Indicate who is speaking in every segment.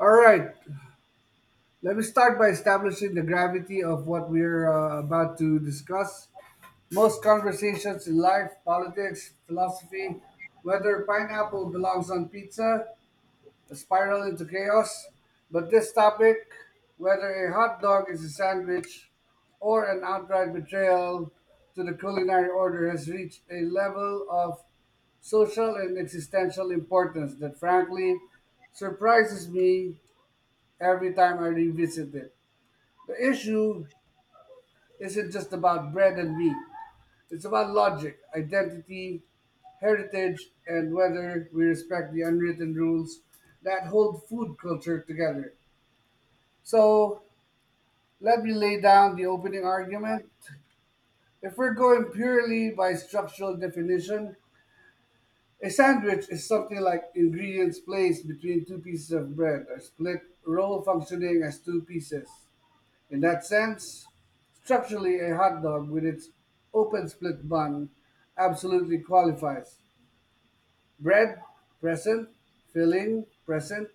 Speaker 1: All right, let me start by establishing the gravity of what we're about to discuss. Most conversations in life, politics, philosophy, whether pineapple belongs on pizza, a spiral into chaos. But this topic, whether a hot dog is a sandwich or an outright betrayal to the culinary order, has reached a level of social and existential importance that frankly surprises me every time I revisit it. The issue isn't just about bread and meat, it's about logic, identity, heritage, and whether we respect the unwritten rules that hold food culture together. So, let me lay down the opening argument. If we're going purely by structural definition, a sandwich is something like ingredients placed between two pieces of bread or split roll functioning as two pieces. In that sense, structurally a hot dog with its open split bun absolutely qualifies. Bread, present, filling, present,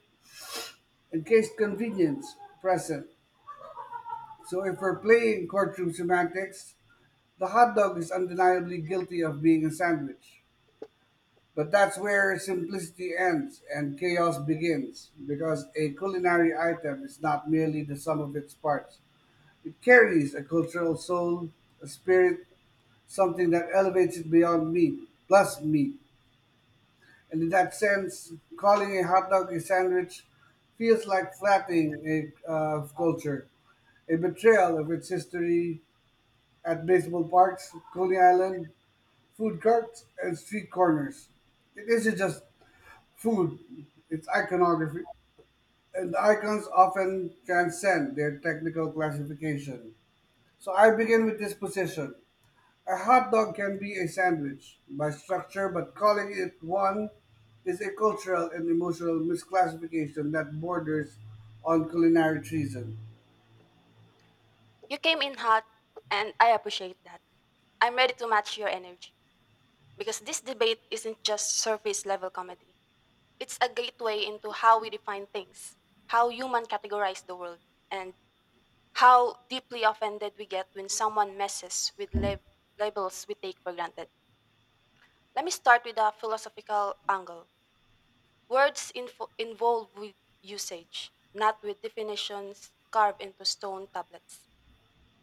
Speaker 1: encased convenience, present. So if we're playing courtroom semantics, the hot dog is undeniably guilty of being a sandwich. But that's where simplicity ends and chaos begins, because a culinary item is not merely the sum of its parts. It carries a cultural soul, a spirit, something that elevates it beyond meat, plus meat. And in that sense, calling a hot dog a sandwich feels like flattening a culture, a betrayal of its history at baseball parks, Coney Island, food carts, and street corners. It isn't just food, it's iconography, and icons often transcend their technical classification. So I begin with this position. A hot dog can be a sandwich by structure, but calling it one is a cultural and emotional misclassification that borders on culinary treason.
Speaker 2: You came in hot, and I appreciate that. I'm ready to match your energy because this debate isn't just surface level comedy. It's a gateway into how we define things, how humans categorize the world, and how deeply offended we get when someone messes with labels we take for granted. Let me start with a philosophical angle. Words involved with usage, not with definitions carved into stone tablets.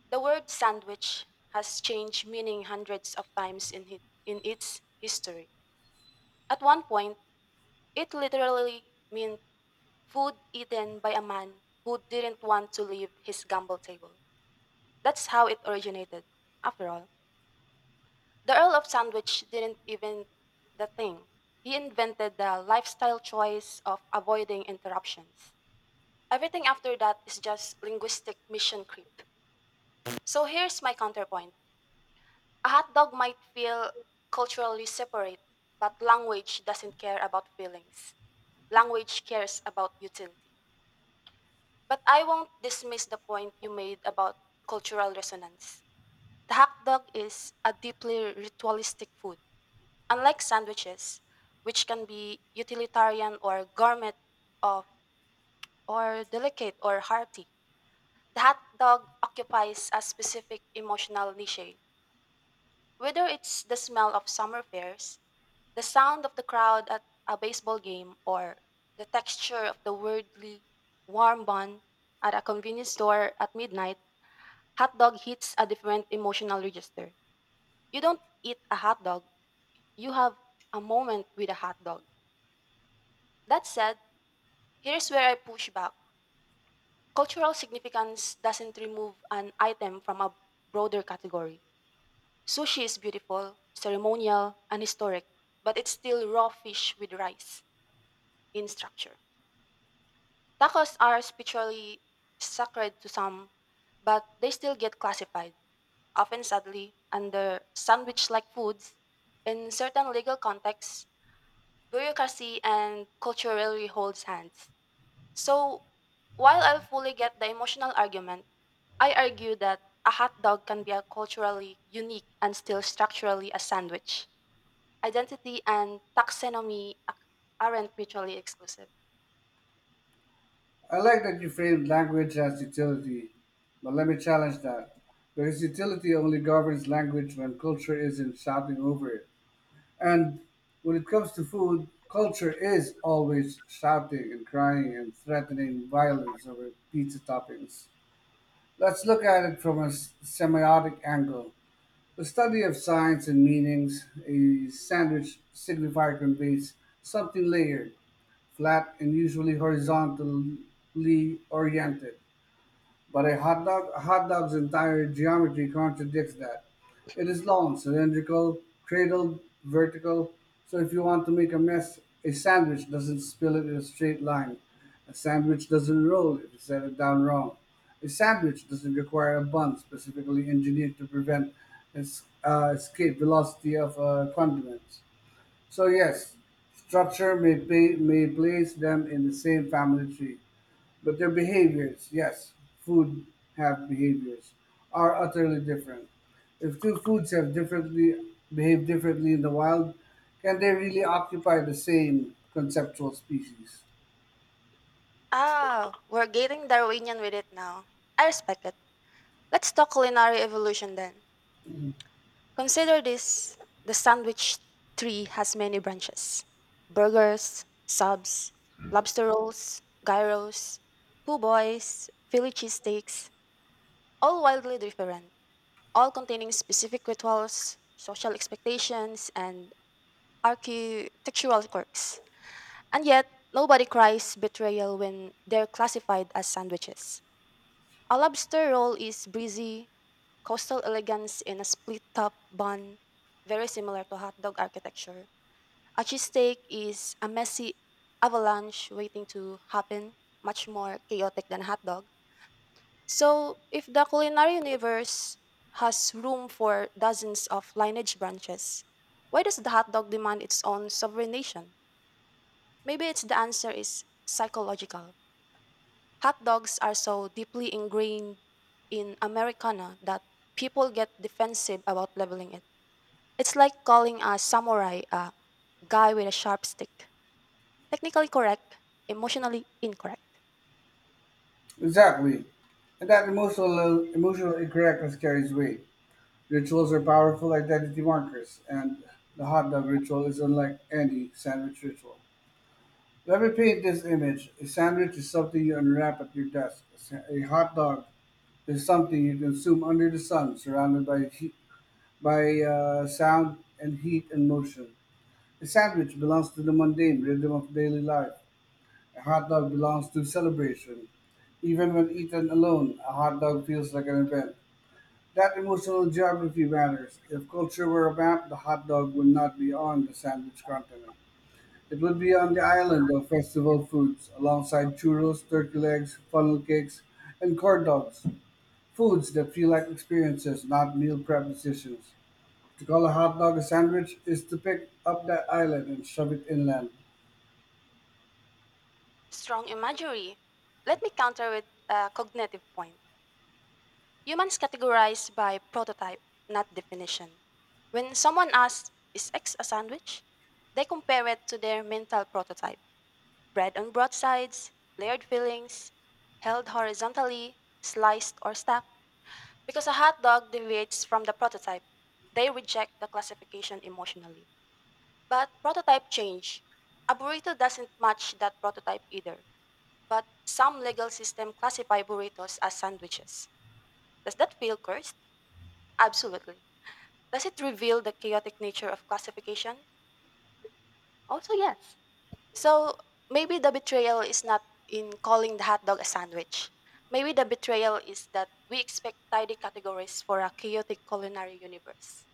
Speaker 2: The word sandwich has changed meaning hundreds of times in its history. At one point, it literally meant food eaten by a man who didn't want to leave his gamble table. That's how it originated. After all, the Earl of Sandwich didn't invent the thing. He invented the lifestyle choice of avoiding interruptions. Everything after that is just linguistic mission creep. So here's my counterpoint. A hot dog might feel culturally separate, but language doesn't care about feelings. Language cares about utility. But I won't dismiss the point you made about cultural resonance. The hot dog is a deeply ritualistic food. Unlike sandwiches, which can be utilitarian or gourmet of, or delicate or hearty, the hot dog occupies a specific emotional niche. Whether it's the smell of summer fairs, the sound of the crowd at a baseball game, or the texture of the weirdly warm bun at a convenience store at midnight, hot dog hits a different emotional register. You don't eat a hot dog, you have a moment with a hot dog. That said, here's where I push back. Cultural significance doesn't remove an item from a broader category. Sushi is beautiful, ceremonial, and historic, but it's still raw fish with rice in structure. Tacos are spiritually sacred to some, but they still get classified, often sadly, under sandwich like foods. In certain legal contexts, bureaucracy and culturally holds hands. So, while I fully get the emotional argument, I argue that a hot dog can be a culturally unique and still structurally a sandwich. Identity and taxonomy aren't mutually exclusive.
Speaker 1: I like that you framed language as utility, but let me challenge that because utility only governs language when culture isn't shouting over it. And when it comes to food, culture is always shouting and crying and threatening violence over pizza toppings. Let's look at it from a semiotic angle. The study of signs and meanings, a sandwich signifier conveys something layered, flat, and usually horizontally oriented. But a hot dog's entire geometry contradicts that. It is long, cylindrical, cradled, vertical. So if you want to make a mess, a sandwich doesn't spill it in a straight line. A sandwich doesn't roll if you set it down wrong. A sandwich doesn't require a bun specifically engineered to prevent escape velocity of condiments. So yes, structure may place them in the same family tree. But their behaviors, yes, food have behaviors, are utterly different. If two foods have differently behave differently in the wild, can they really occupy the same conceptual species?
Speaker 2: Ah, we're getting Darwinian with it now. I respect it. Let's talk culinary evolution then. Consider this, the sandwich tree has many branches, burgers, subs, lobster rolls, gyros, po' boys, Philly cheesesteaks, all wildly different, all containing specific rituals, social expectations, and architectural quirks. And yet, nobody cries betrayal when they're classified as sandwiches. A lobster roll is breezy, coastal elegance in a split top bun, very similar to hot dog architecture. A cheesesteak is a messy avalanche waiting to happen, much more chaotic than a hot dog. So, if the culinary universe has room for dozens of lineage branches, why does the hot dog demand its own sovereign nation? Maybe it's, the answer is psychological. Hot dogs are so deeply ingrained in Americana that people get defensive about labeling it. It's like calling a samurai a guy with a sharp stick. Technically correct, emotionally incorrect.
Speaker 1: Exactly. And that emotional incorrectness carries weight. Rituals are powerful identity markers, and the hot dog ritual is unlike any sandwich ritual. Let me paint this image. A sandwich is something you unwrap at your desk. A hot dog is something you consume under the sun, surrounded by heat, by sound and heat and motion. A sandwich belongs to the mundane rhythm of daily life. A hot dog belongs to celebration. Even when eaten alone, a hot dog feels like an event. That emotional geography matters. If culture were a map, the hot dog would not be on the sandwich continent. It would be on the island of festival foods, alongside churros, turkey legs, funnel cakes, and corn dogs. Foods that feel like experiences, not meal prep decisions. To call a hot dog a sandwich is to pick up that island and shove it inland.
Speaker 2: Strong imagery. Let me counter with a cognitive point. Humans categorize by prototype, not definition. When someone asks, "Is X a sandwich?" they compare it to their mental prototype: bread on broadsides, layered fillings, held horizontally, sliced or stacked. Because a hot dog deviates from the prototype, they reject the classification emotionally. But prototype change. A burrito doesn't match that prototype either. But some legal system classify burritos as sandwiches. Does that feel cursed? Absolutely. Does it reveal the chaotic nature of classification? Also, yes. So, maybe the betrayal is not in calling the hot dog a sandwich. Maybe the betrayal is that we expect tidy categories for a chaotic culinary universe.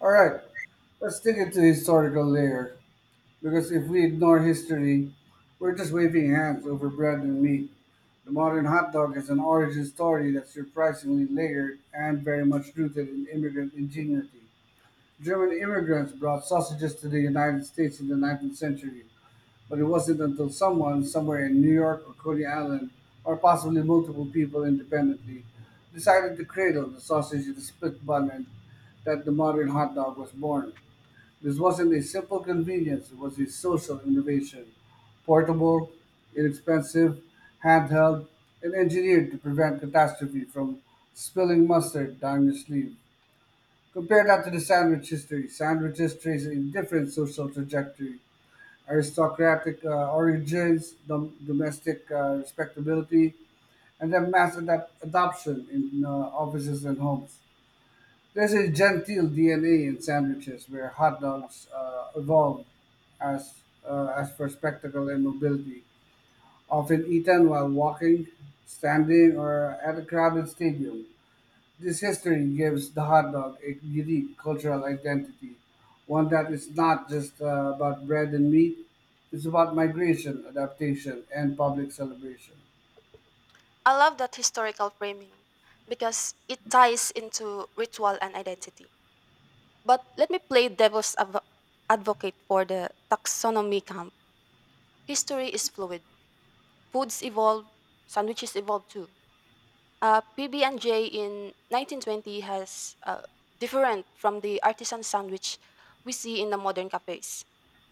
Speaker 1: All right, let's dig into the historical layer, because if we ignore history, we're just waving hands over bread and meat. The modern hot dog is an origin story that's surprisingly layered and very much rooted in immigrant ingenuity. German immigrants brought sausages to the United States in the 19th century, but it wasn't until someone, somewhere in New York or Coney Island, or possibly multiple people independently, decided to cradle the sausage in a split bun and that the modern hot dog was born. This wasn't a simple convenience, it was a social innovation. Portable, inexpensive, handheld, and engineered to prevent catastrophe from spilling mustard down your sleeve. Compare that to the sandwich history. Sandwiches trace a different social trajectory. Aristocratic origins, domestic respectability, and then mass adoption in offices and homes. There's a genteel DNA in sandwiches where hot dogs evolved as, as for spectacle and mobility, often eaten while walking, standing, or at a crowded stadium. This history gives the hot dog a unique cultural identity, one that is not just about bread and meat, it's about migration, adaptation, and public celebration.
Speaker 2: I love that historical framing because it ties into ritual and identity. But let me play advocate for the taxonomy camp. History is fluid. Foods evolve, sandwiches evolve too. PB&J in 1920 has different from the artisan sandwich we see in the modern cafes.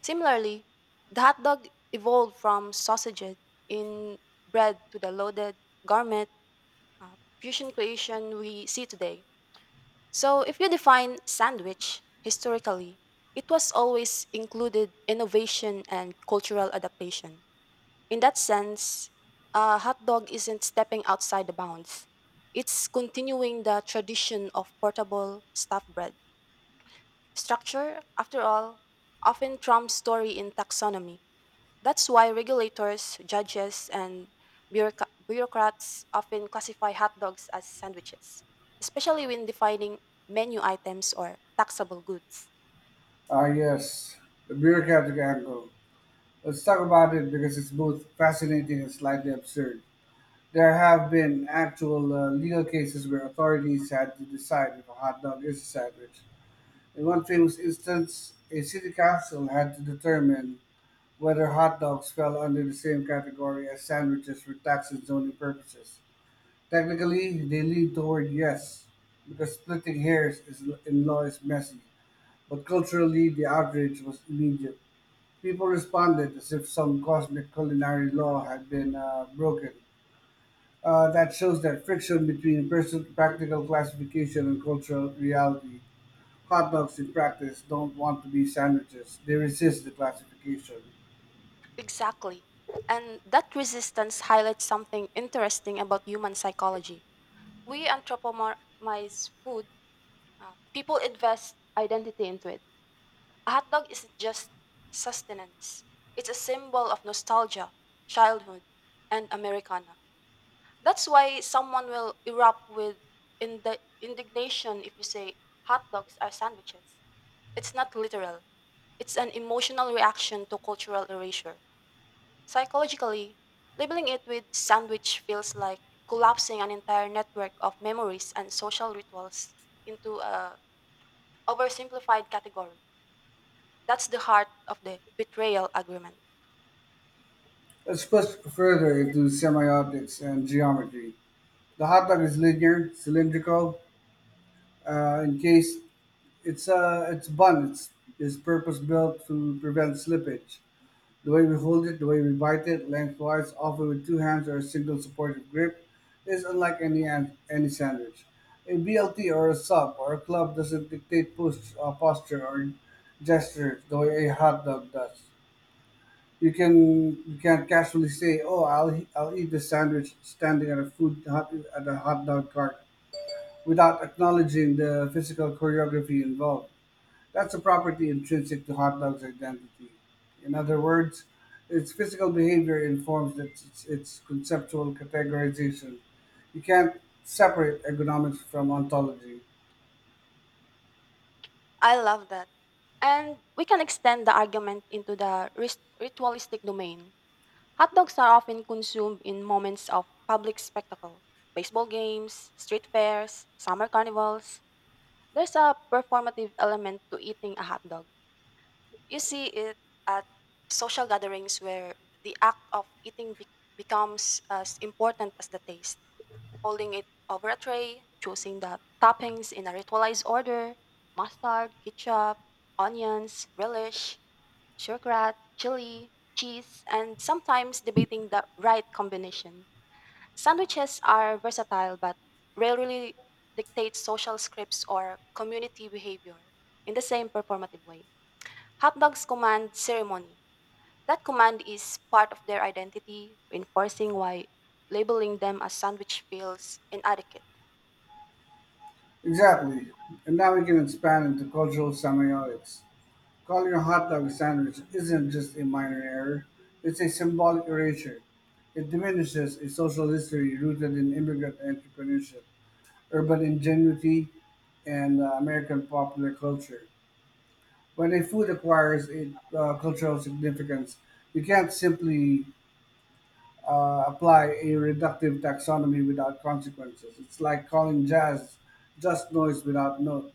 Speaker 2: Similarly, the hot dog evolved from sausage in bread to the loaded garment fusion creation we see today. So, if you define sandwich historically, it was always included innovation and cultural adaptation. In that sense, a hot dog isn't stepping outside the bounds. It's continuing the tradition of portable stuffed bread. Structure, after all, often trumps story in taxonomy. That's why regulators, judges, and bureaucrats often classify hot dogs as sandwiches, especially when defining menu items or taxable goods.
Speaker 1: Ah, yes, the bureaucratic angle. Let's talk about it because it's both fascinating and slightly absurd. There have been actual legal cases where authorities had to decide if a hot dog is a sandwich. In one famous instance, a city council had to determine whether hot dogs fell under the same category as sandwiches for tax and zoning purposes. Technically, they lean toward yes, because splitting hairs is, in law is messy, but culturally, the outrage was immediate. People responded as if some cosmic culinary law had been broken. That shows that friction between personal practical classification and cultural reality. Hot dogs in practice don't want to be sandwiches, they resist the classification.
Speaker 2: Exactly. And that resistance highlights something interesting about human psychology. We anthropomorphize food. People invest identity into it. A hot dog isn't just sustenance, it's a symbol of nostalgia, childhood, and Americana. That's why someone will erupt with indignation if you say hot dogs are sandwiches. It's not literal, it's an emotional reaction to cultural erasure. Psychologically, labeling it with sandwich feels like collapsing an entire network of memories and social rituals into a oversimplified category. That's the heart of the betrayal agreement.
Speaker 1: Let's push further into semi-optics and geometry. The hot dog is linear, cylindrical. In case it's its bun it's, is purpose-built to prevent slippage. The way we hold it, the way we bite it, lengthwise, often with two hands or a single supportive grip, is unlike any sandwich. A BLT or a sub or a club doesn't dictate posture or gesture the way a hot dog does. You can you can casually say, "Oh, I'll eat the sandwich standing at a at a hot dog cart," without acknowledging the physical choreography involved. That's a property intrinsic to hot dog's identity. In other words, its physical behavior informs its conceptual categorization. You can't separate economics from ontology.
Speaker 2: I love that. And we can extend the argument into the ritualistic domain. Hot dogs are often consumed in moments of public spectacle, baseball games, street fairs, summer carnivals. There's a performative element to eating a hot dog. You see it at social gatherings where the act of eating becomes as important as the taste. Holding it over a tray, choosing the toppings in a ritualized order, mustard, ketchup, onions, relish, sugarcrate, chili, cheese, and sometimes debating the right combination. Sandwiches are versatile but rarely dictate social scripts or community behavior in the same performative way. Hapdog's command ceremony. That command is part of their identity, reinforcing why labeling them as sandwich feels inadequate.
Speaker 1: Exactly. And now we can expand into cultural semiotics. Calling a hot dog a sandwich isn't just a minor error, it's a symbolic erasure. It diminishes a social history rooted in immigrant entrepreneurship, urban ingenuity, and American popular culture. When a food acquires a cultural significance, you can't simply apply a reductive taxonomy without consequences. It's like calling jazz just noise without notes.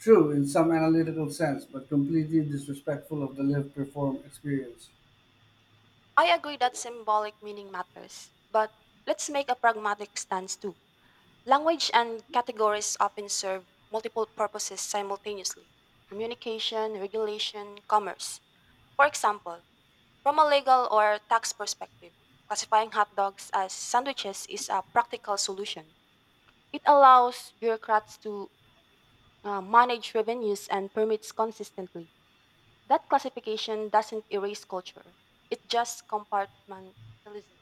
Speaker 1: True in some analytical sense, but completely disrespectful of the live perform experience.
Speaker 2: I agree that symbolic meaning matters, but let's make a pragmatic stance too. Language and categories often serve multiple purposes simultaneously, communication, regulation, commerce. For example, from a legal or tax perspective, classifying hot dogs as sandwiches is a practical solution. It allows bureaucrats to manage revenues and permits consistently. That classification doesn't erase culture, it just compartmentalizes.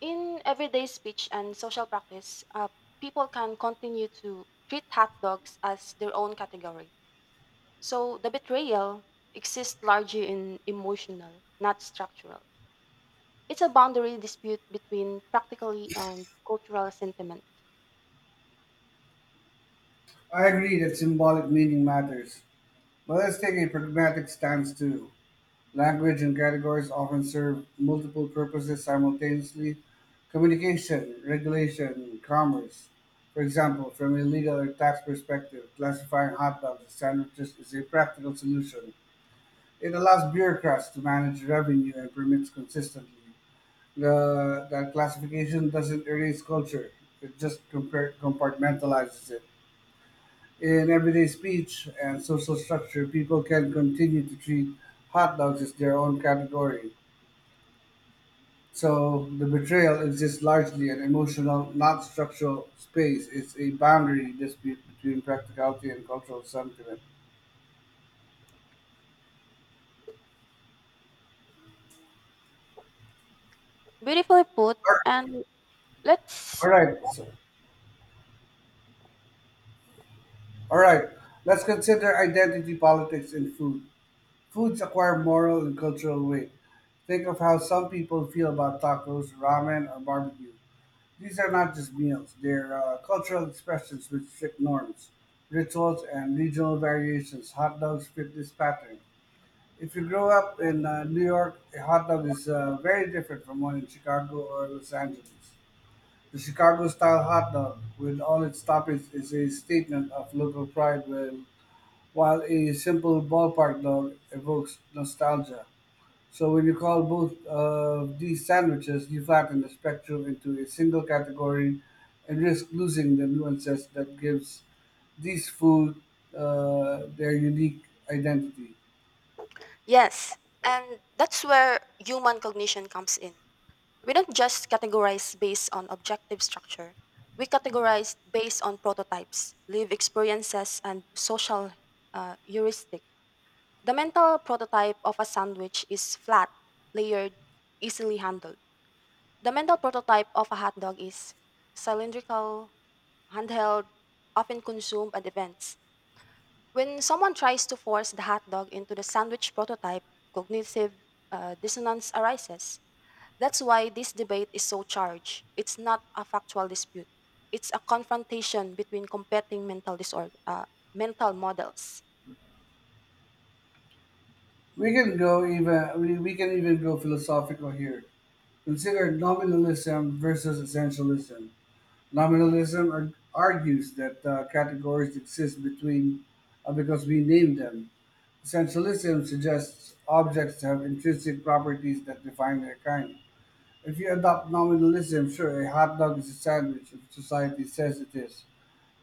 Speaker 2: In everyday speech and social practice, people can continue to treat hot dogs as their own category. So the betrayal exists largely in emotional, not structural. It's a boundary dispute between practically and cultural sentiment.
Speaker 1: I agree that symbolic meaning matters, but let's take a pragmatic stance too. Language and categories often serve multiple purposes simultaneously communication, regulation, commerce. For example, from a legal or tax perspective, classifying hot dogs as sandwiches is a practical solution. It allows bureaucrats to manage revenue and permits consistently. That classification doesn't erase culture, it just compartmentalizes it. In everyday speech and social structure, people can continue to treat hot dogs as their own category. So the betrayal exists largely in emotional, not structural space. It's a boundary dispute between practicality and cultural sentiment.
Speaker 2: Beautifully put, and let's.
Speaker 1: All right, all right. Let's consider identity politics in food. Foods acquire moral and cultural weight. Think of how some people feel about tacos, ramen, or barbecue. These are not just meals, they're cultural expressions with strict norms, rituals, and regional variations. Hot dogs fit this pattern. If you grow up in New York, a hot dog is very different from one in Chicago or Los Angeles. The Chicago style hot dog, with all its toppings, is a statement of local pride, while a simple ballpark dog evokes nostalgia. So when you call both of these sandwiches, you flatten the spectrum into a single category and risk losing the nuances that gives these food their unique identity.
Speaker 2: Yes, and that's where human cognition comes in. We don't just categorize based on objective structure. We categorize based on prototypes, lived experiences, and social heuristic. The mental prototype of a sandwich is flat, layered, easily handled. The mental prototype of a hot dog is cylindrical, handheld, often consumed at events. When someone tries to force the hot dog into the sandwich prototype, cognitive dissonance arises. That's why this debate is so charged. It's not a factual dispute. It's a confrontation between competing mental models.
Speaker 1: We can even go philosophical here. Consider nominalism versus essentialism. Nominalism argues that categories exist between because we name them, essentialism suggests objects have intrinsic properties that define their kind. If you adopt nominalism, sure, a hot dog is a sandwich if society says it is.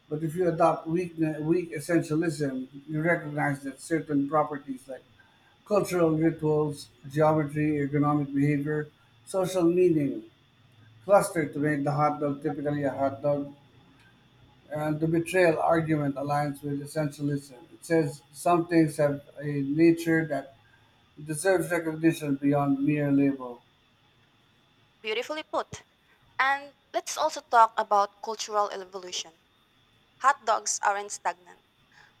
Speaker 1: But if you adopt weak essentialism, you recognize that certain properties like cultural rituals, geometry, ergonomic behavior, social meaning, cluster to make the hot dog typically a hot dog, and the betrayal argument aligns with essentialism. It says some things have a nature that it deserves recognition beyond mere label.
Speaker 2: Beautifully put. And let's also talk about cultural evolution. Hot dogs aren't stagnant.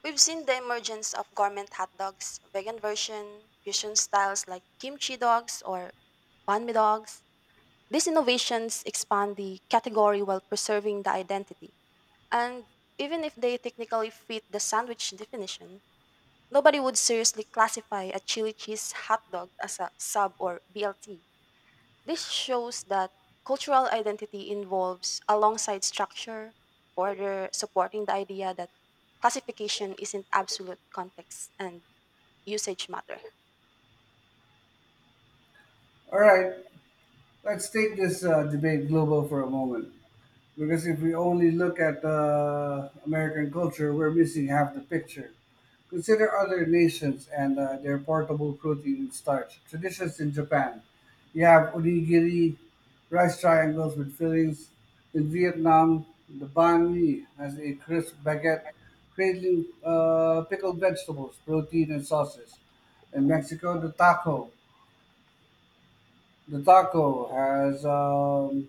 Speaker 2: We've seen the emergence of gourmet hot dogs, vegan version, fusion styles like kimchi dogs or banmi dogs. These innovations expand the category while preserving the identity. And even if they technically fit the sandwich definition, nobody would seriously classify a chili cheese hot dog as a sub or BLT. This shows that cultural identity involves alongside structure, further supporting the idea that classification isn't absolute, context and usage matter.
Speaker 1: All right, let's take this debate global for a moment. Because if we only look at American culture, we're missing half the picture. Consider other nations and their portable protein and starch. Traditions in Japan. You have onigiri, rice triangles with fillings. In Vietnam, the banh mi has a crisp baguette, cradling pickled vegetables, protein, and sauces. In Mexico, the taco. The taco has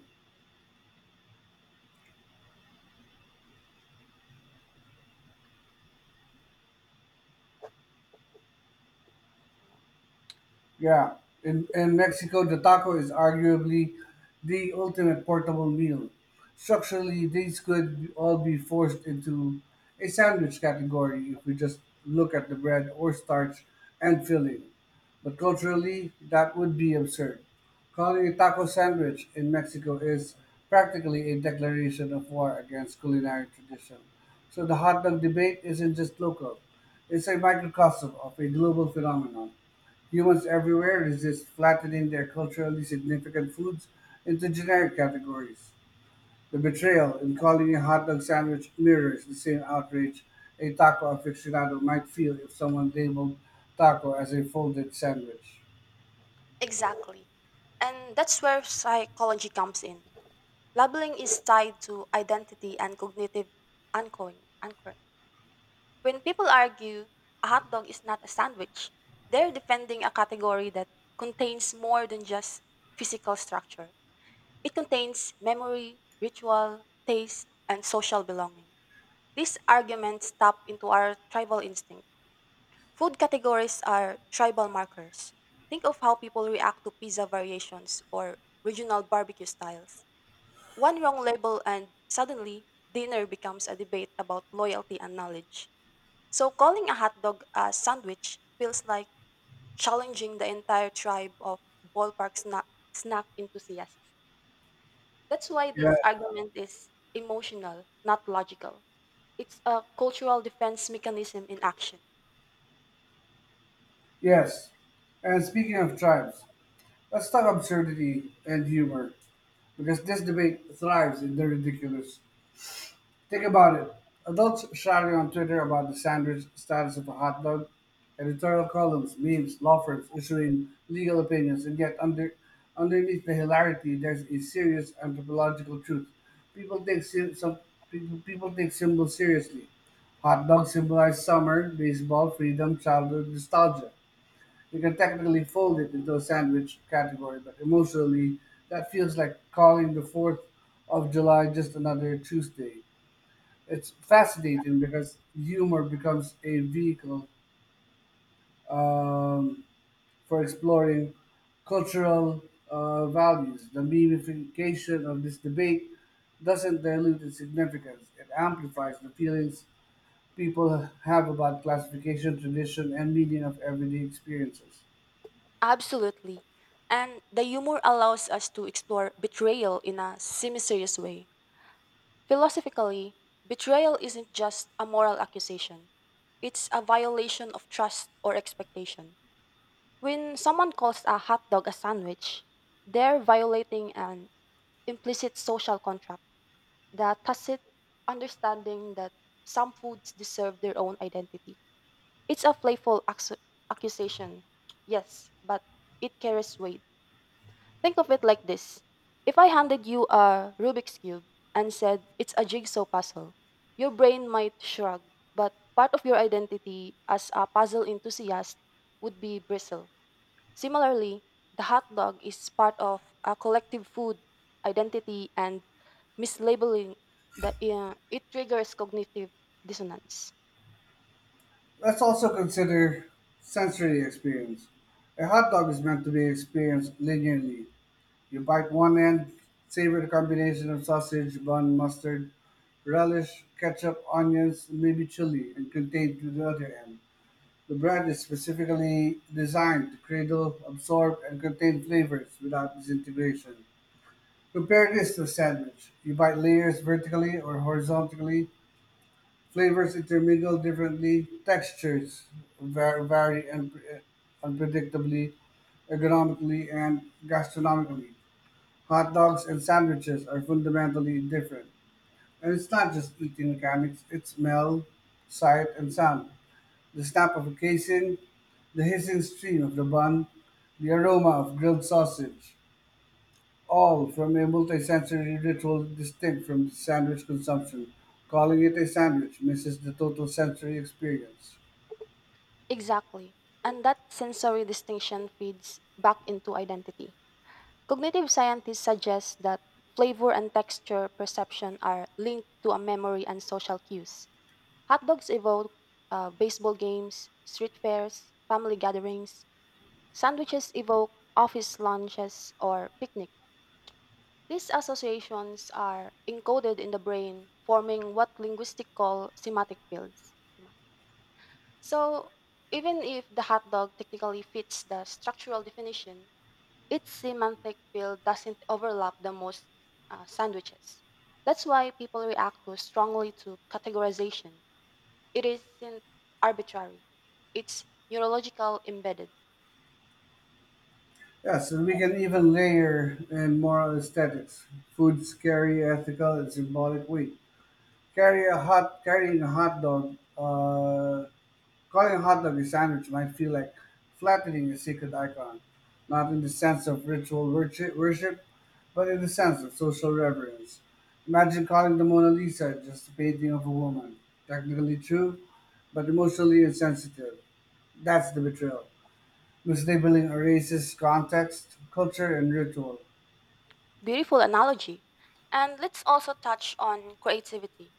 Speaker 1: yeah, in Mexico, the taco is arguably the ultimate portable meal. Structurally, these could all be forced into a sandwich category if we just look at the bread or starch and filling. But culturally, that would be absurd. Calling a taco sandwich in Mexico is practically a declaration of war against culinary tradition. So the hot dog debate isn't just local, it's a microcosm of a global phenomenon. Humans everywhere resist flattening their culturally significant foods into generic categories. The betrayal in calling a hot dog sandwich mirrors the same outrage a taco aficionado might feel if someone labeled taco as a folded sandwich.
Speaker 2: Exactly. And that's where psychology comes in. Labeling is tied to identity and cognitive anchoring. When people argue a hot dog is not a sandwich, they're defending a category that contains more than just physical structure. It contains memory, ritual, taste, and social belonging. These arguments tap into our tribal instinct. Food categories are tribal markers. Think of how people react to pizza variations or regional barbecue styles. One wrong label and suddenly dinner becomes a debate about loyalty and knowledge. So calling a hot dog a sandwich feels like challenging the entire tribe of ballpark snack, snack enthusiasts. That's why
Speaker 1: Yeah.
Speaker 2: this argument is emotional, not logical. It's a cultural defense mechanism in action.
Speaker 1: Yes. And speaking of tribes, let's talk absurdity and humor, because this debate thrives in the ridiculous. Think about it. Adults shouting on Twitter about the sandwich status of a hot dog, editorial columns, memes, law firms issuing legal opinions, and yet underneath the hilarity, there's a serious anthropological truth. People take sy- some people, people take symbols seriously. Hot dogs symbolize summer, baseball, freedom, childhood, nostalgia. You can technically fold it into a sandwich category, but emotionally, that feels like calling the 4th of July just another Tuesday. It's fascinating because humor becomes a vehicle um, for exploring cultural values. The memification of this debate doesn't dilute its significance, it amplifies the feelings people have about classification, tradition, and meaning of everyday experiences.
Speaker 2: Absolutely. And the humor allows us to explore betrayal in a semi serious way. Philosophically, betrayal isn't just a moral accusation, it's a violation of trust or expectation. When someone calls a hot dog a sandwich, they're violating an implicit social contract, the tacit understanding that some foods deserve their own identity. It's a accusation, yes, but it carries weight. Think of it like this, if I handed you a Rubik's Cube and said it's a jigsaw puzzle, your brain might shrug, but part of your identity as a puzzle enthusiast would be bristle. Similarly, the hot dog is part of a collective food identity and mislabeling it triggers cognitive dissonance.
Speaker 1: Let's also consider sensory experience. A hot dog is meant to be experienced linearly. You bite one end, savor the combination of sausage, bun, mustard, relish, ketchup, onions, maybe chili, and contain to the other end. The bread is specifically designed to cradle, absorb, and contain flavors without disintegration. Compare this to a sandwich. You bite layers vertically or horizontally, flavors intermingle differently, textures var- vary un- unpredictably, ergonomically, and gastronomically. Hot dogs and sandwiches are fundamentally different. And it's not just eating mechanics, it's smell, sight, and sound. The snap of a casing, the hissing steam of the bun, the aroma of grilled sausage, all from a multisensory ritual distinct from sandwich consumption. Calling it a sandwich misses the total sensory experience.
Speaker 2: Exactly. And that sensory distinction feeds back into identity. Cognitive scientists suggest that flavor and texture perception are linked to a memory and social cues. Hot dogs evoke baseball games, street fairs, family gatherings. Sandwiches evoke office lunches or picnic. These associations are encoded in the brain, forming what linguistics call semantic fields. So, even if the hot dog technically fits the structural definition, its semantic field doesn't overlap the most sandwiches. That's why people react so strongly to categorization. It isn't arbitrary, it's neurological embedded.
Speaker 1: Yes, and we can even layer in moral aesthetics, food's carry ethical and symbolic weight. Carrying a hot dog, calling a hot dog a sandwich might feel like flattening a sacred icon, not in the sense of ritual worship, but in the sense of social reverence. Imagine calling the Mona Lisa just a painting of a woman, technically true, but emotionally insensitive. That's the betrayal. Mislabeling erases context, culture, and ritual.
Speaker 2: Beautiful analogy. And let's also touch on creativity.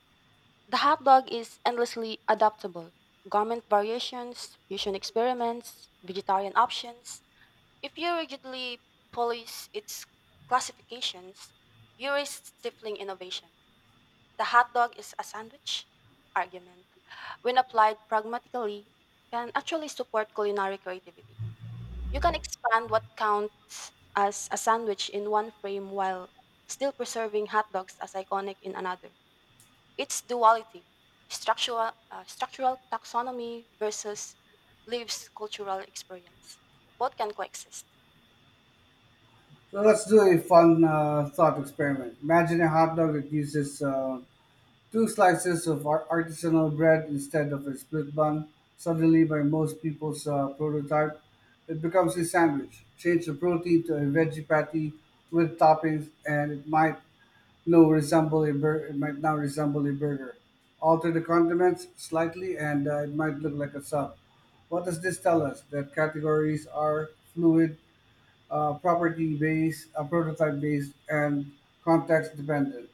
Speaker 2: The hot dog is endlessly adaptable. Garment variations, fusion experiments, vegetarian options. If you rigidly police its classifications, you risk stifling innovation. The hot dog is a sandwich argument, when applied pragmatically, can actually support culinary creativity. You can expand what counts as a sandwich in one frame while still preserving hot dogs as iconic in another. Its duality, structural taxonomy versus lives cultural experience. Both can coexist.
Speaker 1: So let's do a fun thought experiment. Imagine a hot dog that uses two slices of artisanal bread instead of a split bun. Suddenly by most people's prototype, it becomes a sandwich. Change the protein to a veggie patty with toppings, and it might no resemble a bur- it might now resemble a burger. Alter the condiments slightly, and it might look like a sub. What does this tell us? That categories are fluid, property based, prototype based, and context dependent.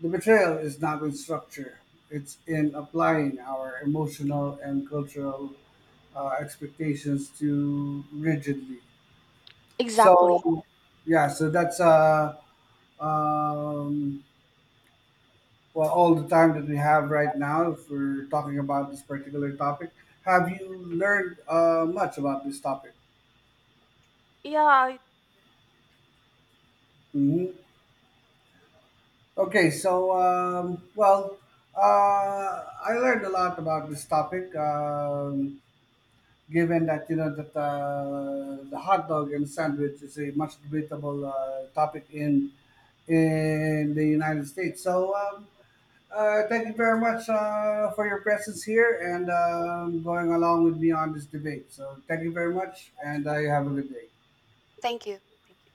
Speaker 1: The betrayal is not in structure; it's in applying our emotional and cultural expectations too rigidly. So,
Speaker 2: Exactly.
Speaker 1: yeah, so um, all the time that we have right now for talking about this particular topic. Have you learned much about this topic?
Speaker 2: Yeah, I-.
Speaker 1: hmm Okay, so I learned a lot about this topic. Given that you know that the hot dog and sandwich is a much debatable topic in the United States. So thank you very much for your presence here and going along with me on this debate. So thank you very much, and you have a good day.
Speaker 2: Thank you. Thank you.